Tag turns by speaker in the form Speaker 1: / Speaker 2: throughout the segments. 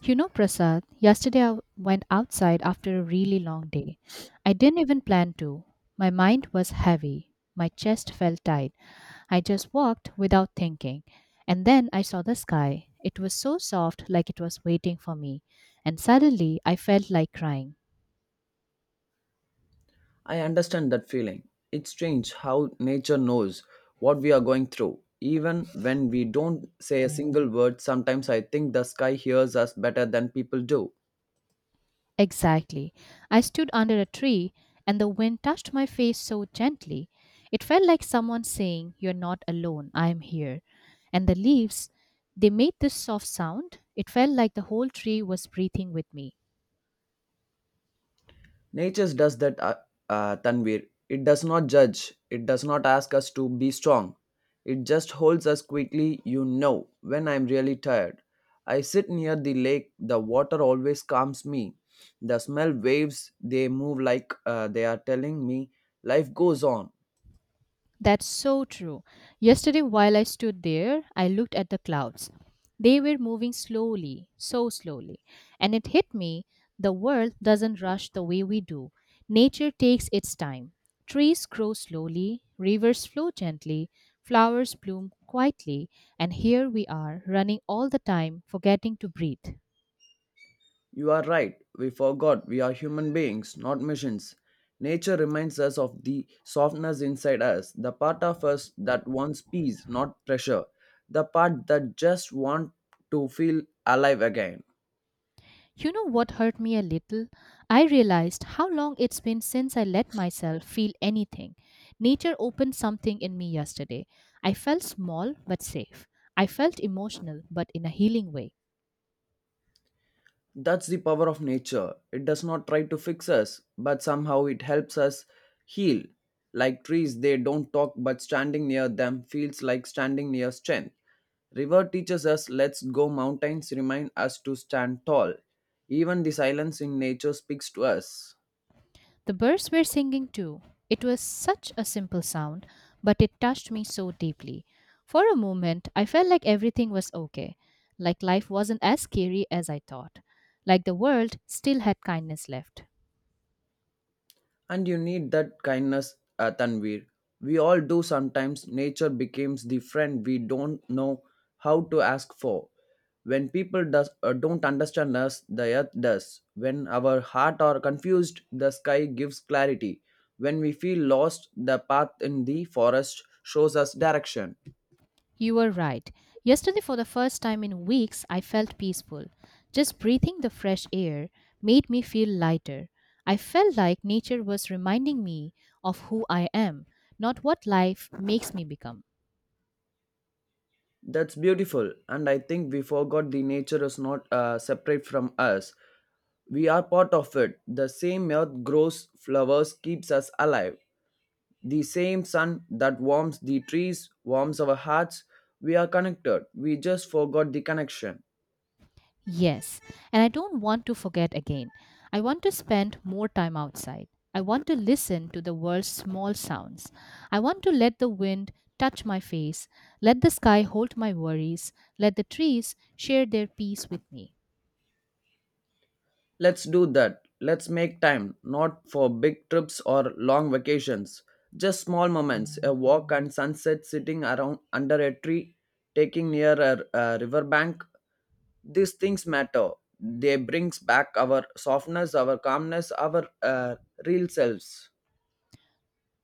Speaker 1: You know, Prasad, yesterday I went outside after a really long day. I didn't even plan to. My mind was heavy. My chest felt tight. I just walked without thinking. And then I saw the sky. It was so soft, like it was waiting for me. And suddenly I felt like crying.
Speaker 2: I understand that feeling. It's strange how nature knows what we are going through. Even when we don't say a single word, sometimes I think the sky hears us better than people do.
Speaker 1: Exactly. I stood under a tree and the wind touched my face so gently. It felt like someone saying, "You're not alone, I am here." And the leaves, they made this soft sound. It felt like the whole tree was breathing with me.
Speaker 2: Nature does that, Tanvir. It does not judge, it does not ask us to be strong. It just holds us quickly, you know, when I'm really tired. I sit near the lake, the water always calms me. The smell waves, they move like they are telling me life goes on.
Speaker 1: That's so true. Yesterday, while I stood there, I looked at the clouds. They were moving slowly, so slowly. And it hit me, the world doesn't rush the way we do. Nature takes its time. Trees grow slowly, rivers flow gently, flowers bloom quietly, and here we are running all the time, forgetting to breathe.
Speaker 2: You are right. We forgot we are human beings, not machines. Nature reminds us of the softness inside us, the part of us that wants peace, not pressure, the part that just wants to feel alive again.
Speaker 1: You know what hurt me a little? I realized how long it's been since I let myself feel anything. Nature opened something in me yesterday. I felt small but safe. I felt emotional but in a healing way.
Speaker 2: That's the power of nature. It does not try to fix us, but somehow it helps us heal. Like trees, they don't talk, but standing near them feels like standing near strength. River teaches us let's go, mountains remind us to stand tall. Even the silence in nature speaks to us.
Speaker 1: The birds were singing too. It was such a simple sound, but it touched me so deeply. For a moment, I felt like everything was okay, like life wasn't as scary as I thought, like the world still had kindness left.
Speaker 2: And you need that kindness, Tanvir. We all do sometimes. Nature becomes the friend we don't know how to ask for. When people does, don't understand us, the earth does. When our heart are confused, the sky gives clarity. When we feel lost, the path in the forest shows us direction.
Speaker 1: You were right. Yesterday, for the first time in weeks, I felt peaceful. Just breathing the fresh air made me feel lighter. I felt like nature was reminding me of who I am, not what life makes me become.
Speaker 2: That's beautiful. And I think we forgot the nature is not separate from us. We are part of it. The same earth grows flowers, keeps us alive. The same sun that warms the trees, warms our hearts. We are connected. We just forgot the connection.
Speaker 1: Yes, and I don't want to forget again. I want to spend more time outside. I want to listen to the world's small sounds. I want to let the wind touch my face, let the sky hold my worries, let the trees share their peace with me.
Speaker 2: Let's do that. Let's make time, not for big trips or long vacations, just small moments, a walk and sunset sitting around under a tree, taking near a riverbank. These things matter. They brings back our softness, our calmness, our real selves.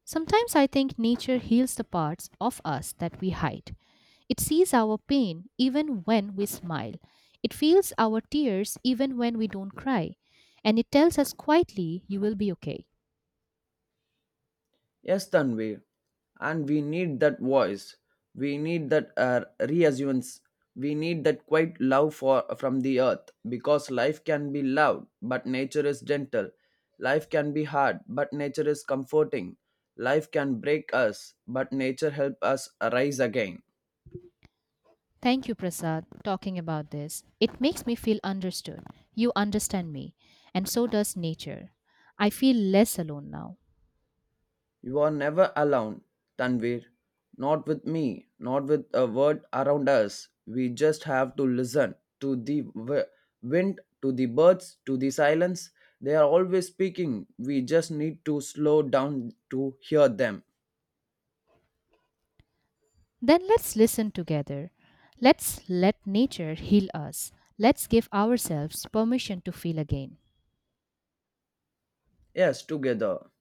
Speaker 1: Sometimes I think nature heals the parts of us that we hide. It sees our pain even when we smile. It feels our tears even when we don't cry. And it tells us quietly, "You will be okay."
Speaker 2: Yes, Tanvir. And we need that voice. We need that reassurance. We need that quiet love for from the earth because life can be loud, but nature is gentle. Life can be hard, but nature is comforting. Life can break us, but nature helps us arise again.
Speaker 1: Thank you, Prasad, talking about this. It makes me feel understood. You understand me, and so does nature. I feel less alone now.
Speaker 2: You are never alone, Tanvir. Not with me, not with a word around us. We just have to listen to wind, to the birds, to the silence. They are always speaking. We just need to slow down to hear them.
Speaker 1: Then let's listen together. Let's let nature heal us. Let's give ourselves permission to feel again.
Speaker 2: Yes, together.